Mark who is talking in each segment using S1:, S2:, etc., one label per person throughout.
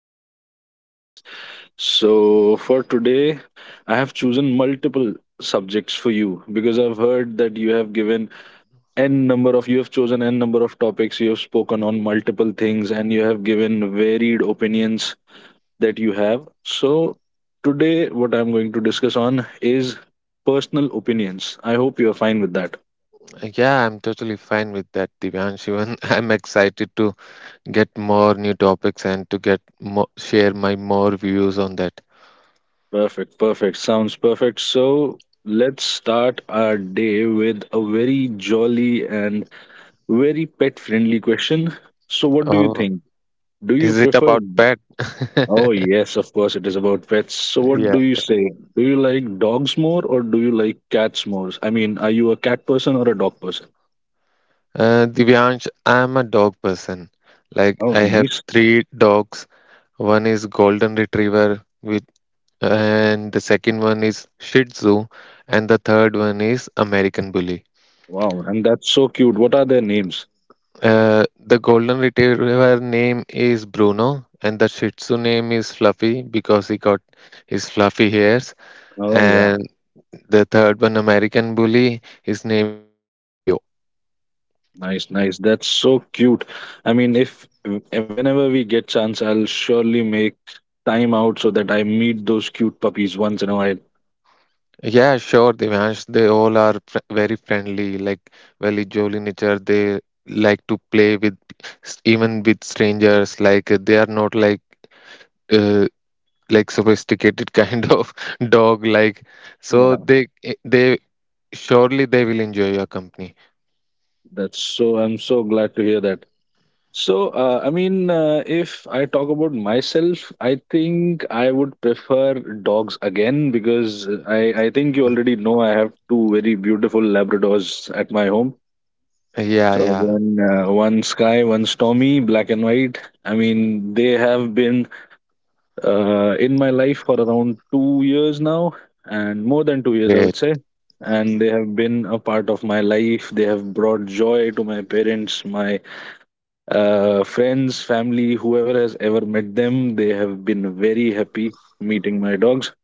S1: on many subjects. So, for today, I have chosen multiple subjects for you because I've heard that you have chosen n number of topics. You have spoken on multiple things, and you have given varied opinions that you have. So today, what I'm going to discuss on is personal opinions. I hope you're fine with that.
S2: Yeah, I'm totally fine with that, Divyansh. Even I'm excited to get more new topics and to get more, share my more views on that.
S1: Perfect, perfect, sounds perfect. So let's start our day with a very jolly and very pet friendly question. So, what do you
S2: Oh,
S1: think? Do you
S2: is it
S1: prefer...
S2: about pet?
S1: Oh, yes, of course, it is about pets. So, what
S2: Yeah.
S1: do you say? Do you like dogs more or do you like cats more? I mean, are you a cat person or a dog person?
S2: Divyansh, I'm a dog person. Like
S1: Oh,
S2: I have
S1: nice.
S2: three dogs. One is Golden Retriever, which and the second one is Shih Tzu, and the third one is American Bully.
S1: Wow, and that's so cute. What are their names?
S2: The golden retriever name is Bruno, and the Shih Tzu name is Fluffy because he got his fluffy hairs.
S1: Oh, yeah.
S2: And the third one, American Bully, his name is Rio.
S1: Nice, nice. That's so cute. I mean, if whenever we get chance, I'll surely make time out so that I meet those cute puppies once in a while.
S2: Yeah, sure, Devansh. They all are very friendly, like very jolly nature. They like to play with even with strangers. Like they are not like uh, like sophisticated kind of dog. Like so,
S1: Yeah.
S2: they surely they will enjoy your company.
S1: That's so, I'm so glad to hear that. So, I mean, if I talk about myself, I think I would prefer dogs again because I think you already know I have two very beautiful Labradors at my home.
S2: Yeah,
S1: So
S2: yeah.
S1: one Sky, one Stormy, black and white. I mean, they have been in my life for around 2 years now, and more than 2 years, I would
S2: Great.
S1: say. And they have been a part of my life. They have brought joy to my parents, my friends, family, whoever has ever met them, they have been very happy meeting my dogs.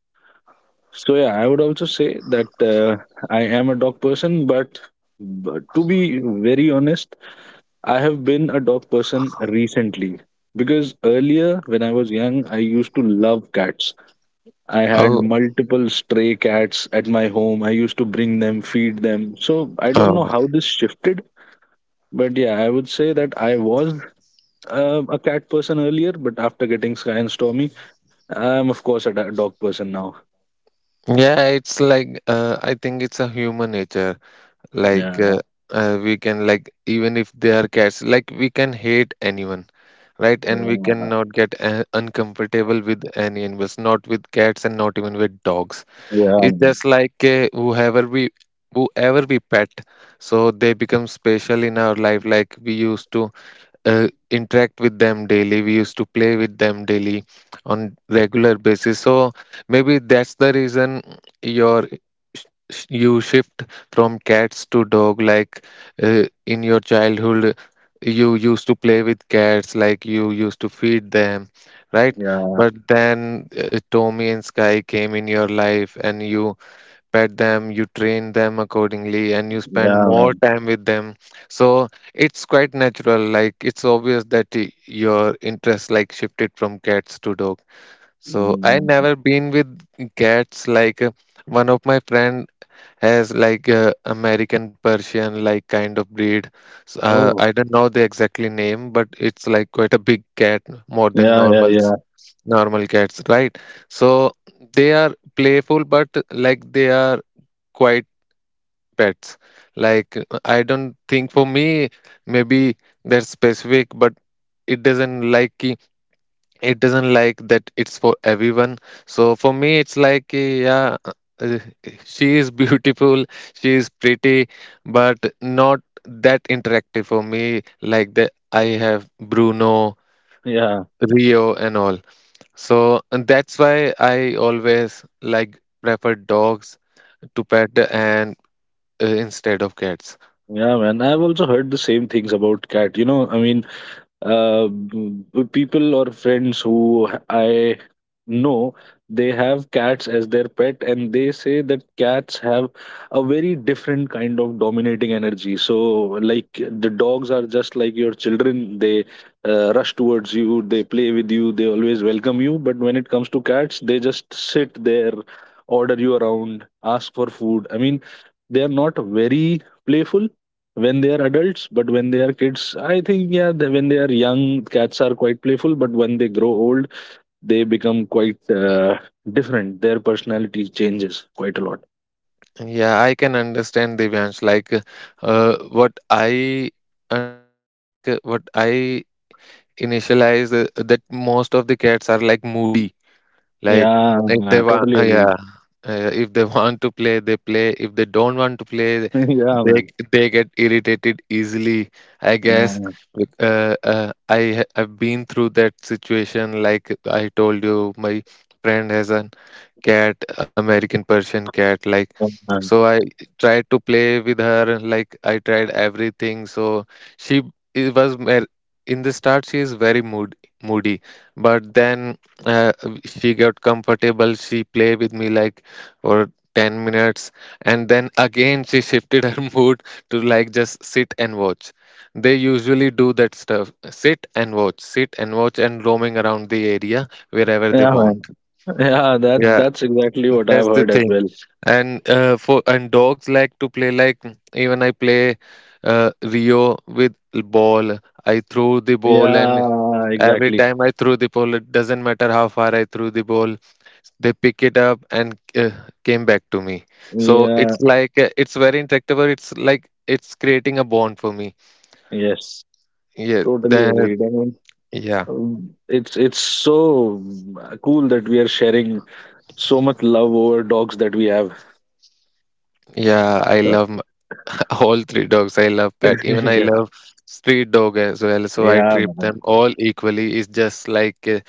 S1: So yeah, I would also say that I am a dog person, but to be very honest, I have been a dog person recently because earlier when I was young, I used to love cats. I had
S2: Oh,
S1: multiple stray cats at my home. I used to bring them, feed them. So I don't
S2: uh,
S1: know how this shifted, but yeah, I would say that I was a cat person earlier, but after getting Sky and Stormy, I'm of course a dog person now.
S2: yeah, it's like I think it's a human nature. Like
S1: Yeah,
S2: uh, uh, we can, like, even if they are cats, like we can hate anyone, right? And we
S1: yeah,
S2: cannot get uncomfortable with any animals, not with cats and not even with dogs.
S1: yeah,
S2: It's just like uh, whoever we pet, so they become special in our life. Like we used to interact with them daily, we used to play with them daily on regular basis, so maybe that's the reason your sh- you shift from cats to dog, like in your childhood you used to play with cats, like you used to feed them, right?
S1: yeah,
S2: But then Tommy and Sky came in your life and you pet them, you train them accordingly, and you spend
S1: yeah,
S2: more
S1: man.
S2: time with them. So it's quite natural. Like it's obvious that your interest, like, shifted from cats to dog. So I
S1: Mm.
S2: never been with cats. Like one of my friend has like American Persian like kind of breed.
S1: Oh,
S2: I don't know the exactly name, but it's like quite a big cat, more than
S1: yeah, yeah, yeah,
S2: normal cats, right? So they are playful, but like they are quiet pets, like I don't think for me maybe they're specific, but it doesn't like it doesn't like that it's for everyone. So for me it's like uh, yeah uh, she is beautiful, she is pretty, but not that interactive for me, like that I have Bruno,
S1: yeah,
S2: Rio and all. So, and that's why I always, like, prefer dogs to pet, and instead of cats.
S1: yeah, man. I've also heard the same things about cat. I mean, people or friends I know they have cats as their pet, and they say that cats have a very different kind of dominating energy. So, like the dogs are just like your children; they rush towards you, they play with you, they always welcome you. But when it comes to cats, they just sit there, order you around, ask for food. I mean, they are not very playful when they are adults, but when they are kids, I think, yeah, when they are young, cats are quite playful, but when they grow old they become quite different. Their personality changes quite a lot.
S2: Yeah, I can understand, Divyansh. Uh, what I like, what I initialize that most of the cats are like moody. Like,
S1: Yeah,
S2: if
S1: man,
S2: they want,
S1: totally agree.
S2: yeah, if they want to play, they play. If they don't want to play,
S1: Yeah,
S2: they
S1: man.
S2: they get irritated easily. I
S1: Yeah,
S2: guess.
S1: man.
S2: I have been through that situation. Like I told you, my friend has a cat, American Persian cat. Like,
S1: Yeah, man.
S2: so I tried to play with her. Like, I tried everything. So she it was mer- in the start she is very moody, but then uh, she got comfortable. She play with me like for 10 minutes, and then again she shifted her mood to like just sit and watch. They usually do that stuff. Sit and watch, and roaming around the area wherever they
S1: Yeah, man.
S2: want.
S1: Yeah, that
S2: Yeah,
S1: that's exactly what I've
S2: that's the
S1: heard as
S2: thing.
S1: well.
S2: And dogs like to play, like even I play Rio with ball. I throw the ball, and
S1: Yeah,
S2: every
S1: exactly.
S2: time I throw the ball, it doesn't matter how far I threw the ball, they pick it up and came back to me. So
S1: Yeah,
S2: it's like it's very interactable. It's like it's creating a bond for me.
S1: yes,
S2: Yeah,
S1: totally
S2: that
S1: agreed. I
S2: yeah.
S1: It's so cool that we are sharing so much love over dogs that we have.
S2: Yeah, I
S1: So-
S2: love all three dogs. I love pet. Even I
S1: yeah,
S2: love street dog as well. So I
S1: yeah,
S2: treat
S1: man.
S2: them all equally. It's just like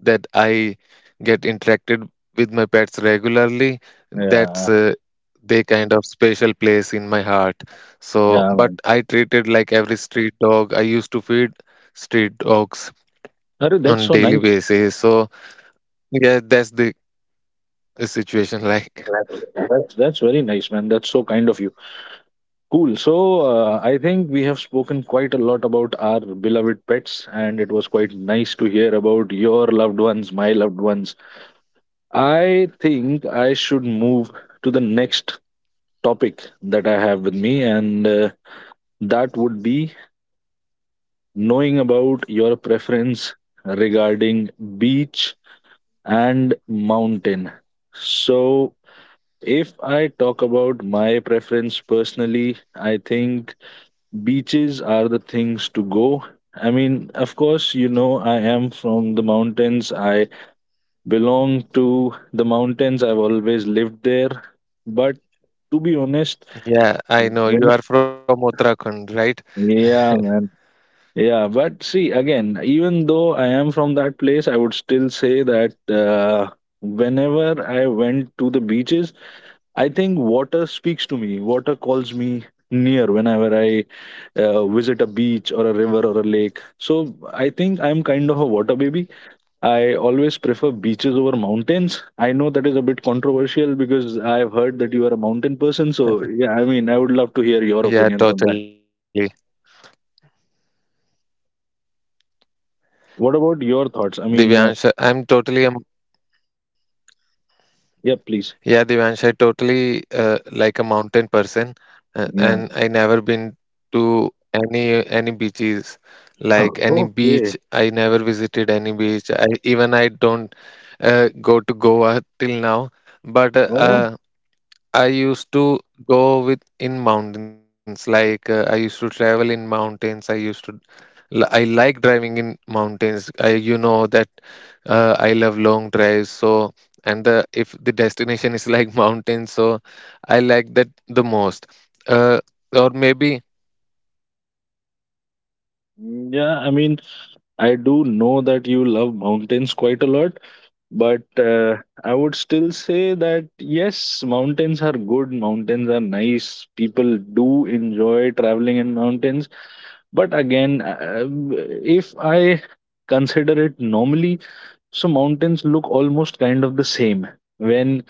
S2: that I get interacted with my pets regularly.
S1: Yeah,
S2: That's They kind of special place in my heart. So,
S1: yeah,
S2: but
S1: man.
S2: I treat it like every street dog. I used to feed street dogs
S1: Arey, that's
S2: on
S1: so
S2: daily
S1: nice.
S2: basis. So yeah, that's the situation. Like
S1: That's very nice, man. That's so kind of you. Cool. So I think we have spoken quite a lot about our beloved pets, and it was quite nice to hear about your loved ones, my loved ones. I think I should move to the next topic that I have with me, and. That would be knowing about your preference regarding beach and mountain. So, if I talk about my preference personally, I think beaches are the things to go. I mean, of course, I am from the mountains. I belong to the mountains. I've always lived there. But to be honest,
S2: yeah, I know
S1: when,
S2: you are from Uttarakhand, right?
S1: yeah, man. Yeah, but see, again, even though I am from that place, I would still say that whenever I went to the beaches, I think water speaks to me. Water calls me near whenever I visit a beach or a river or a lake. So I think I'm kind of a water baby. I always prefer beaches over mountains. I know that is a bit controversial because I've heard that you are a mountain person. So yeah, I mean, I would love to hear your opinion
S2: Yeah,
S1: on that.
S2: totally.
S1: What about
S2: Yeah,
S1: your thoughts? I mean,
S2: Divyansh, I'm totally um
S1: yeah,
S2: yeah,
S1: please.
S2: Divyansh, I totally like a mountain person,
S1: Yeah.
S2: and I never been to any beaches, like any
S1: Oh, okay.
S2: beach. I never visited any beach. I don't go to Goa till now, but
S1: Oh,
S2: I used to go with in mountains. Like I used to travel in mountains. I used to L- I like driving in mountains. I, you know that I love long drives. So, and the if destination is like mountains, so I like that the most. Uh,
S1: mm, yeah. I mean, I do know that you love mountains quite a lot, but I would still say that yes, mountains are good, mountains are nice. People do enjoy traveling in mountains. But again, if I consider it normally, so mountains look almost kind of the same. When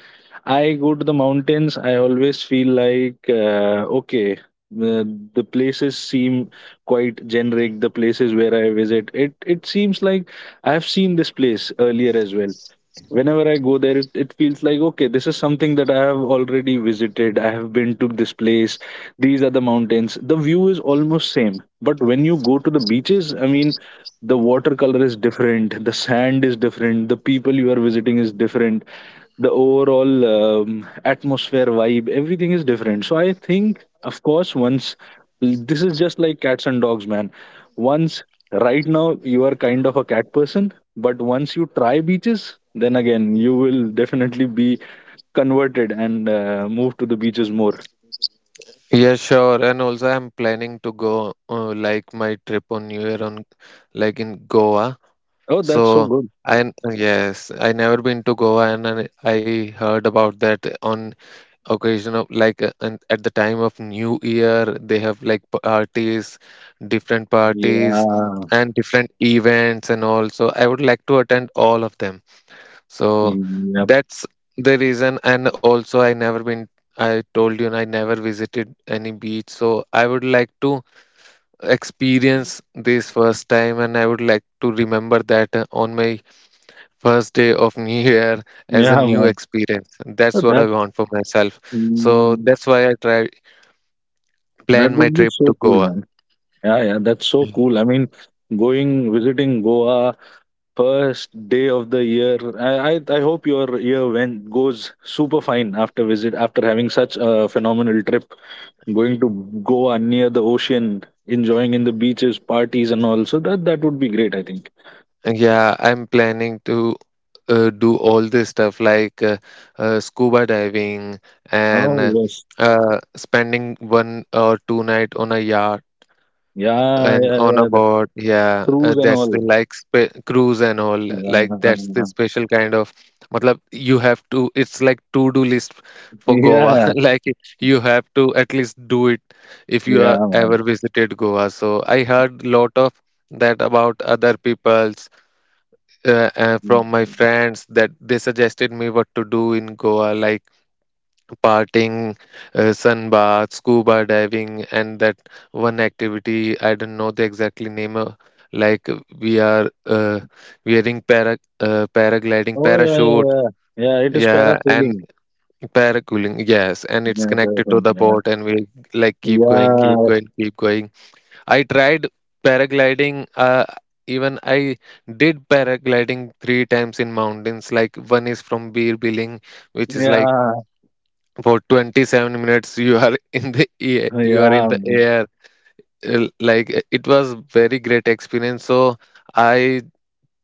S1: I go to the mountains, I always feel like, okay, the places seem quite generic. The places where I visit, it seems like I have seen this place earlier as well. Whenever I go there, it feels like, okay, this is something that I have already visited. I have been to this place. These are the mountains. The view is almost same, but when you go to the beaches, I mean, the watercolor is different. The sand is different. The people you are visiting is different. The overall atmosphere, vibe, everything is different. So I think, of course, once, this is just like cats and dogs, man. Once right now you are kind of a cat person, but once you try beaches, then again you will definitely be converted and move to the beaches more.
S3: Yeah, sure. And also, I'm planning to go like my trip on New Year on like in Goa.
S1: Oh, that's so
S3: So
S1: good.
S3: yes, I never been to Goa, and I heard about that on occasion of like and at the time of New Year, they have like parties, different parties,
S1: Yeah.
S3: and different events and all. So I would like to attend all of them. So
S1: Yep.
S3: that's the reason. And also, I never been, I told you, I never visited any beach. So I would like to experience this first time and I would like to remember that on my first day of New Year as
S1: Yeah,
S3: a new
S1: man.
S3: experience.
S1: Oh,
S3: That's what I want for myself. So
S1: mm,
S3: that's why I try
S1: that
S3: plan my
S1: would be
S3: trip
S1: so
S3: to
S1: cool,
S3: Goa.
S1: man. Yeah, yeah, that's so cool. I mean, going visiting Goa, first day of the year. I hope your year went goes super fine after having such a phenomenal trip, going to Goa near the ocean, enjoying in the beaches, parties and all. So that would be great, I think.
S3: Yeah, I'm planning to do all this stuff like scuba diving and
S1: Oh yes,
S3: spending one or two night on a yacht
S1: yeah,
S3: and
S1: yeah,
S3: on a
S1: yeah. The
S3: boat. Yeah,
S1: cruise and
S3: that's the
S1: all.
S3: like spe cruise and all. Like that's the special kind of. Matlab, you have to. It's like to-do list for
S1: Yeah,
S3: Goa.
S1: yeah,
S3: Like you have to at least do it if you
S1: yeah,
S3: are
S1: man.
S3: ever visited Goa. So I heard lot of that about other people from my friends that they suggested me what to do in Goa, like partying, sun bath, scuba diving, and that one activity I don't know the exactly name of. Like we are wearing paragliding
S1: Oh yeah,
S3: parachute,
S1: yeah, yeah. Yeah, it is
S3: yeah, and
S1: parasailing.
S3: paracooling, yes, and it's
S1: Yeah,
S3: connected to
S1: parasailing.
S3: the
S1: Yeah,
S3: boat, and we like keep going, keep
S1: yeah,
S3: going, keep going. I tried paragliding. Even I did paragliding 3 times in mountains. Like one is from Bir Biling, which is like
S1: yeah,
S3: for 27 minutes you are in the air, you are in
S1: yeah.
S3: the air. It was very great experience. So I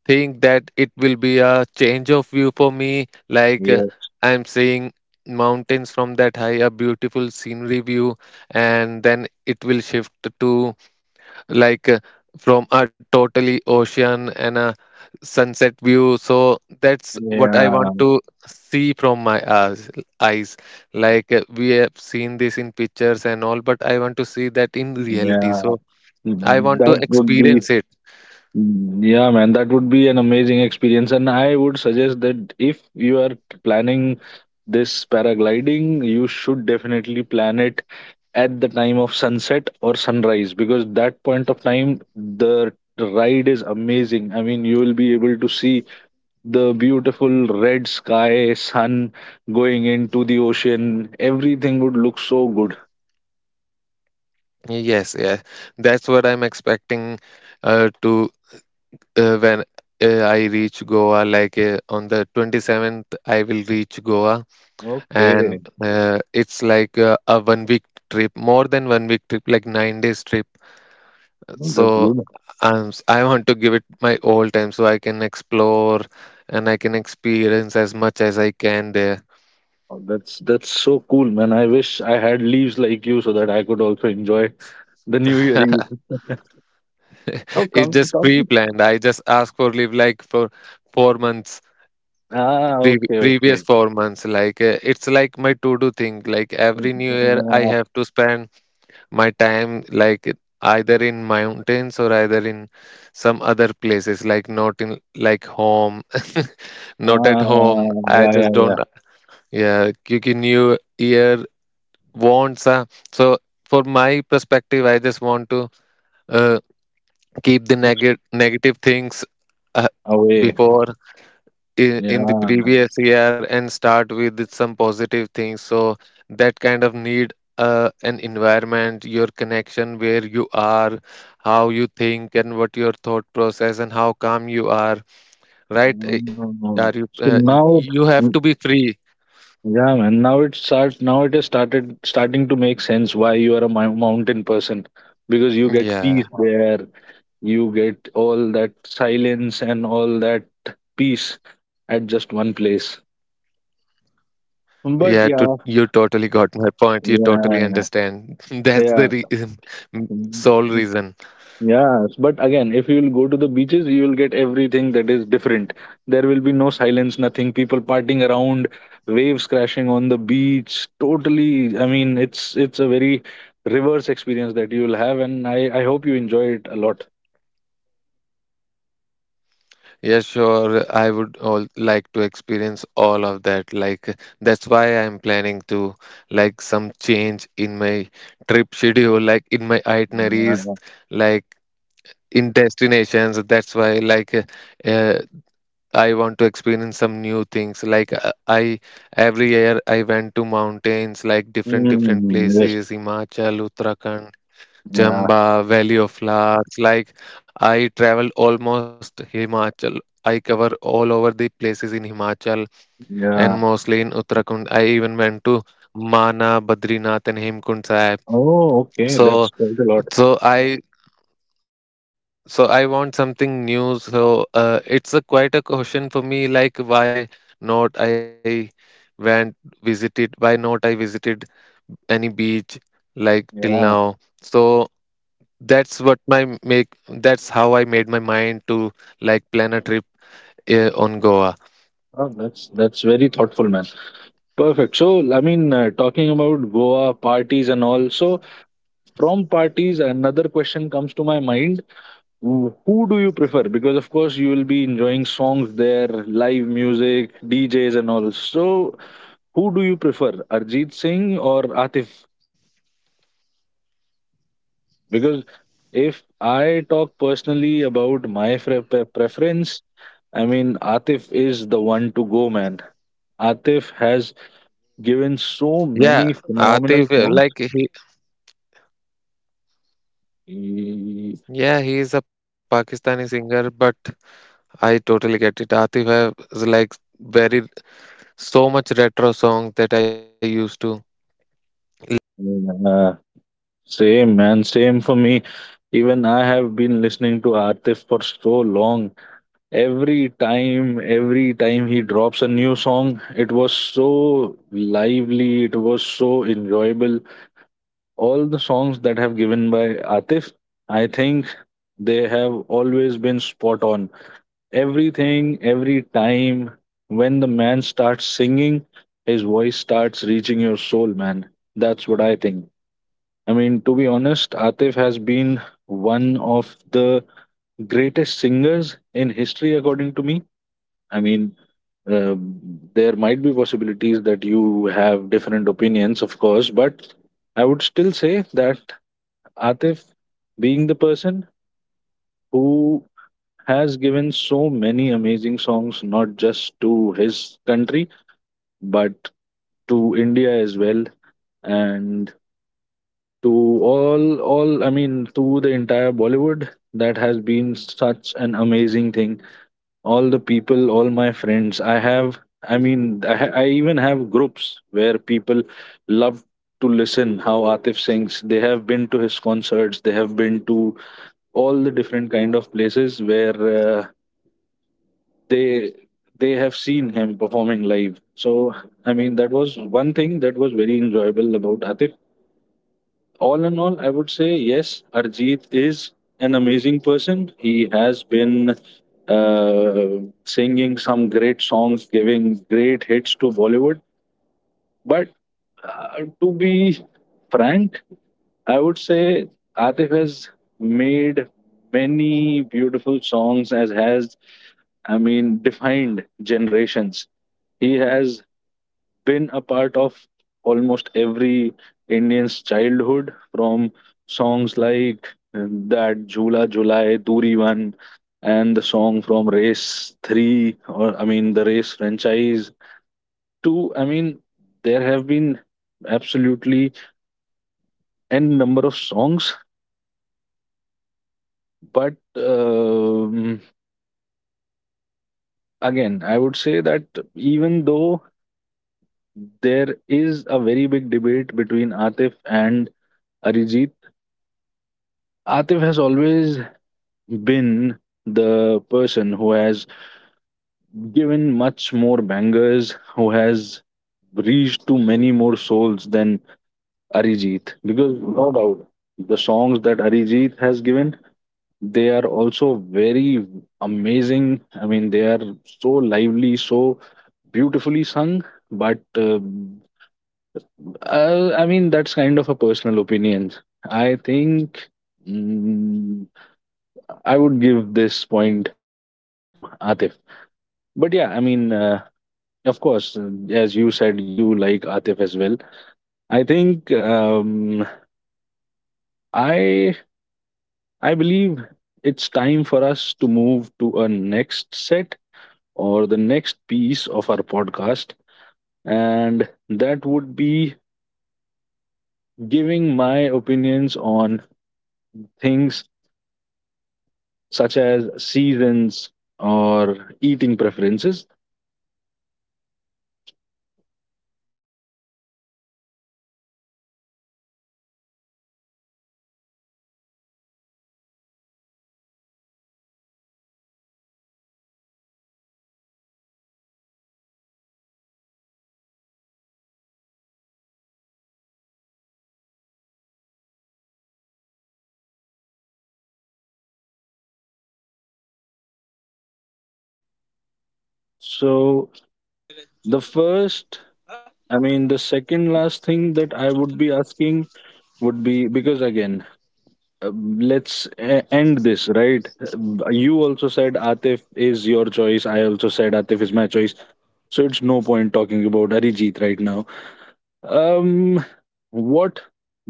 S3: think that it will be a change of view for me. Like uh,
S1: Yes,
S3: I'm seeing mountains from that high, a beautiful scenery view, and then it will shift to like uh, from a totally ocean and a sunset view. So that's what I want
S1: yeah.
S3: to see from my eyes. We have seen this in pictures and all, but I want to see that in reality.
S1: Yeah,
S3: So I want to
S1: that would be,
S3: experience it.
S1: yeah, man, that would be an amazing experience. And I would suggest that if you are planning this paragliding, you should definitely plan it at the time of sunset or sunrise because that point of time, the ride is amazing. I mean, you will be able to see the beautiful red sky, sun going into the ocean. Everything would look so good.
S3: Yes, yes, that's what I'm expecting to when I reach Goa. On the 27th, I will reach Goa. And
S1: Okay.
S3: it's a one week trip, more than one week trip, like 9 days trip.
S1: Oh, that's
S3: So
S1: good.
S3: I want to give it my all time so I can explore and I can experience as much as I can there.
S1: Oh, That's so cool, man. I wish I had leaves like you so that I could also enjoy the New Year Eve. Oh,
S3: It's
S1: come,
S3: just
S1: come.
S3: pre-planned. I just ask for leave like for 4 months,
S1: Ah, okay,
S3: previous
S1: okay.
S3: 4 months. Like it's like my to-do thing. Like every new year I
S1: Uh,
S3: have to spend my time like either in mountains or either in some other places, like not in like home. Not at
S1: ah,
S3: home, I
S1: yeah, yeah,
S3: just
S1: yeah.
S3: don't. Yeah, क्योंकि new year wants a so for my perspective, I just want to uh, keep the negative things uh,
S1: Away.
S3: before in the
S1: Yeah.
S3: previous year and start with some positive things. So that kind of need an environment, your connection where you are, how you think, and what your thought process and how calm you are. Right? Are you?
S1: Mm. So
S3: You have
S1: now,
S3: to be
S1: mm,
S3: free.
S1: yeah, man. Now it starts. Now it has started starting to make sense why you are a mountain person because you get
S3: Yeah.
S1: peace there. You get all that silence and all that peace at just one place.
S3: Yeah,
S1: But
S3: to,
S1: yeah,
S3: you totally got my point. You totally
S1: yeah,
S3: understand. That's the
S1: yeah,
S3: re sole
S1: mm,
S3: reason.
S1: yes. But again, if you'll go to the beaches, you'll get everything that is different. There will be no silence, nothing. People partying around, waves crashing on the beach. Totally. I mean, it's a very reverse experience that you'll have, and I hope you enjoy it a lot.
S3: Yeah, sure. I would all like to experience all of that. Like, that's why I'm planning to like some change in my trip schedule, like in my itineraries,
S1: Yeah.
S3: like in destinations. That's why, uh, I want to experience some new things. Like, I every year I went to mountains, like different different
S1: Mm, yes.
S3: places, Himachal, Uttarakhand.
S1: Yeah.
S3: Chamba, Valley of Flowers. Like I travel almost Himachal. I cover all over the places in Himachal and
S1: Yeah.
S3: mostly in Uttarakhand. I even went to Mana, Badrinath, and Hemkund Sahib.
S1: Oh, okay.
S3: So,
S1: That's quite a lot.
S3: so I yeah. So I want something new. So it's a quite a question for me. Like why not I went visited? Why not I visited any beach like till
S1: Yeah.
S3: now? So that's how I made my mind to like plan a trip on Goa.
S1: Oh, that's very thoughtful, man. Perfect. So, I mean, talking about Goa parties and all. So, from parties, another question comes to my mind. Who do you prefer? Because of course, you will be enjoying songs there, live music, DJs, and all. So, who do you prefer, Arjit Singh or Atif? Because if I talk personally about my preference, I mean, Atif is the one to go, man. Atif has given so
S3: Yeah,
S1: many phenomenal
S3: Atif,
S1: songs. He-
S3: he is a Pakistani singer, but I totally get it. Atif has like very so much retro songs that I used to listen and it
S1: uh,
S3: gives me a different level of
S1: same man,
S3: comfort.
S1: same for me. Even I have been listening to Atif for so long. Every time he drops a new song, it was so lively, it was so enjoyable. All the songs that have given by Atif, I think they have always been spot on. Everything, every time when the man starts singing, his voice starts reaching your soul, man. That's what I think. I mean, to be honest, Atif has been one of the greatest singers in history, according to me. I mean, um, there might be possibilities that you have different opinions, of course, but I would still say that Atif, being the person who has given so many amazing songs, not just to his country, but to India as well, and to all, I mean, to the entire Bollywood. That has been such an amazing thing. All the people, all my friends, I have. I mean, I even have groups where people love to listen how Atif sings. They have been to his concerts. They have been to all the different kind of places where they they have seen him performing live. So I mean that was one thing that was very enjoyable about Atif. All in all, I would say yes, Arjit is an amazing person. He has been singing some great songs, giving great hits to Bollywood, but to be frank, I would say Atif has made many beautiful songs as has, I mean, defined generations. He has been a part of almost every Indian's childhood, from songs like that Jula Julai, Duri One and the song from Race 3, or I mean the Race franchise, to, I mean, there have been absolutely n number of songs. But um, again, I would say that even though there is a very big debate between Atif and Arijit, Atif has always been the person who has given much more bangers, who has reached to many more souls than Arijit, because no doubt the songs that Arijit has given, they are also very amazing. I mean, they are so lively, so beautifully sung, but I mean that's kind of a personal opinion. I think, mm, I would give this point to Atif. But yeah, I mean, of course, as you said, you like Atif as well. I think, i I believe it's time for us to move to a next set or the next piece of our podcast. And that would be giving my opinions on things such as seasons or eating preferences.
S2: Ah, Tomer.
S1: So, the first, I mean, the second last thing that I would be asking would be, because again, let's end this, right? You also said Atif is your choice. I also said Atif is my choice. So, it's no point talking about Arijit right now. Um, What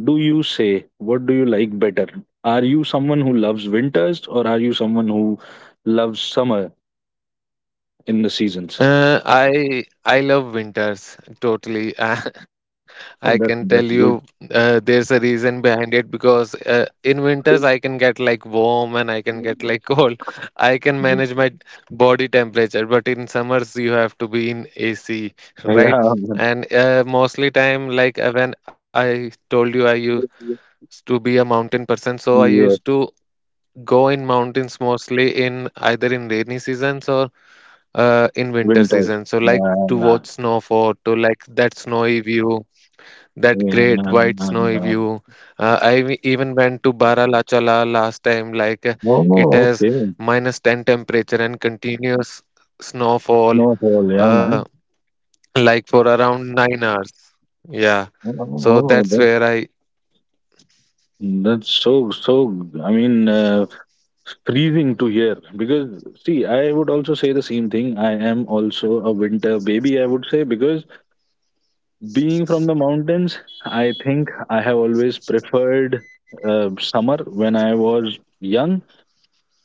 S1: do you say? What do you like better? Are you someone who loves winters or are you someone who loves summer in the seasons?
S2: I love winters totally. I can
S1: Oh, that's
S2: tell
S1: that's good.
S2: you there's a reason behind it because in winters I can get like warm and I can get like cold. I can manage my body temperature, but in summers you have to be in AC, right?
S1: Yeah.
S2: And mostly time like when I told you I used to be a mountain person, so I
S1: Yes,
S2: used to go in mountains mostly in either in rainy seasons or in winter
S1: winters.
S2: season. So like to
S1: Uh,
S2: watch snowfall, to like that snowy view, that
S1: yeah,
S2: great white snowy view. I even went to Baralachala last time. Like it
S1: oh,
S2: has
S1: okay.
S2: minus 10 temperature and continuous snowfall.
S1: Snowfall, yeah,
S2: Uh,
S1: man.
S2: like for around 9 hours. Yeah.
S1: Oh,
S2: So
S1: oh,
S2: that's
S1: that's
S2: where
S1: That's so so, I mean, freezing to hear. Because see, I would also say the same thing. I am also a winter baby, I would say, because being from the mountains, I think I have always preferred summer when I was young.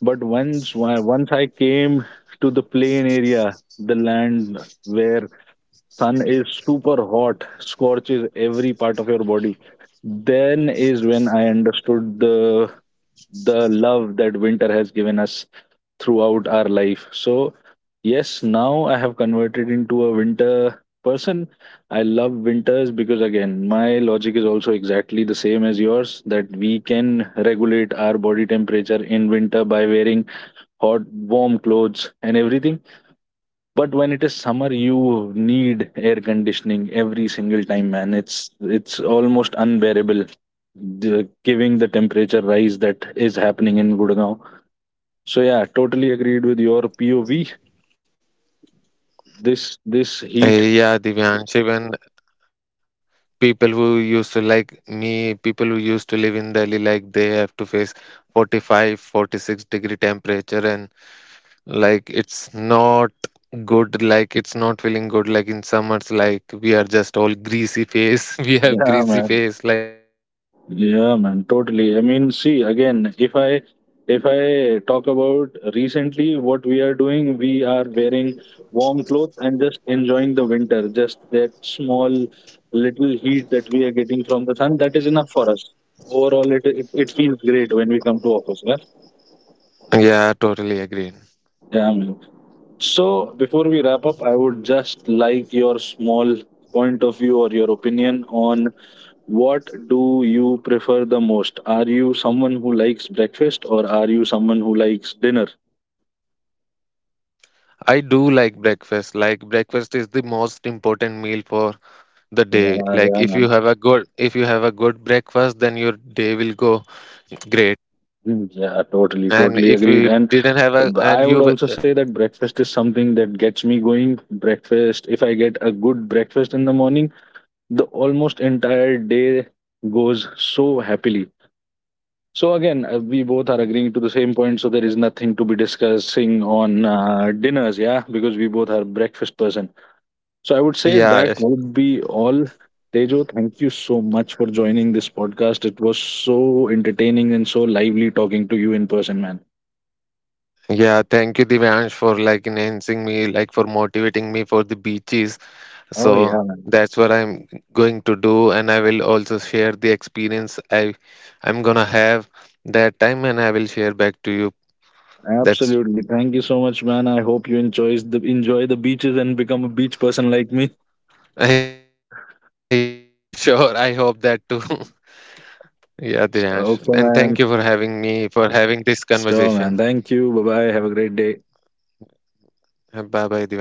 S1: But once once I came to the plain area, the land where sun is super hot, scorches every part of your body, then is when I understood the love that winter has given us throughout our life. So, yes, now I have converted into a winter person. I love winters because, again, my logic is also exactly the same as yours, that we can regulate our body temperature in winter by wearing hot, warm clothes and everything. But when it is summer, you need air conditioning every single time, man. It's almost unbearable, the, giving the temperature rise that is happening in Gurgaon. So yeah, totally agreed with your POV. This
S2: I
S1: heat.
S2: yeah, Divyansh, even people who used to like me, people who used to live in Delhi, like they have to face 45, 46 degree temperature, and like it's not good, like it's not feeling good, like in summers, like we are just all greasy face we have
S1: Yeah, man.
S2: greasy face, like
S1: Yeah, man, totally. I mean, see, again, if I talk about recently what we are doing, we are wearing warm clothes and just enjoying the winter, just that small little heat that we are getting from the sun, that is enough for us. Overall, it feels great when we come to office, yeah?
S2: Yeah, totally agree.
S1: Yeah, man. So before we wrap up, I would just like your small point of view or your opinion on, what do you prefer the most? Are you someone who likes breakfast or are you someone who likes dinner?
S2: I do like breakfast. Like breakfast is the most important meal for the day.
S1: Yeah,
S2: Like
S1: yeah,
S2: if you
S1: man.
S2: have a good if you have a good breakfast, then your day will go great.
S1: Mm, yeah, totally,
S2: And
S1: totally
S2: if
S1: agreed.
S2: you
S1: And
S2: didn't have a
S1: I
S2: and
S1: would
S2: you
S1: also say that breakfast is something that gets me going. Breakfast, if I get a good breakfast in the morning, the almost entire day goes so happily. So again, we both are agreeing to the same point. So there is nothing to be discussing on dinners, yeah, because we both are breakfast person. So I would say
S2: yeah,
S1: that
S2: yes.
S1: would be all. Tejo, thank you so much for joining this podcast. It was so entertaining and so lively talking to you in person, man.
S2: Yeah, thank you, Divyansh, for like enhancing me, like for motivating me for the beaches.
S1: Oh
S2: So
S1: yeah, man.
S2: that's what I'm going to do, and I will also share the experience I'm gonna have that time, and I will share back to you. That's
S1: Absolutely. Thank you so much, man. I hope you enjoys the enjoy the beaches and become a beach person like me.
S2: Yeah, sure. I hope that too. Yeah, Divyansh. And thank you for having me,
S1: Okay,
S2: for
S1: man.
S2: having this conversation.
S1: Sure, man. Thank you. Bye bye. Have a great day.
S2: Bye bye, Divyansh. Have a great day.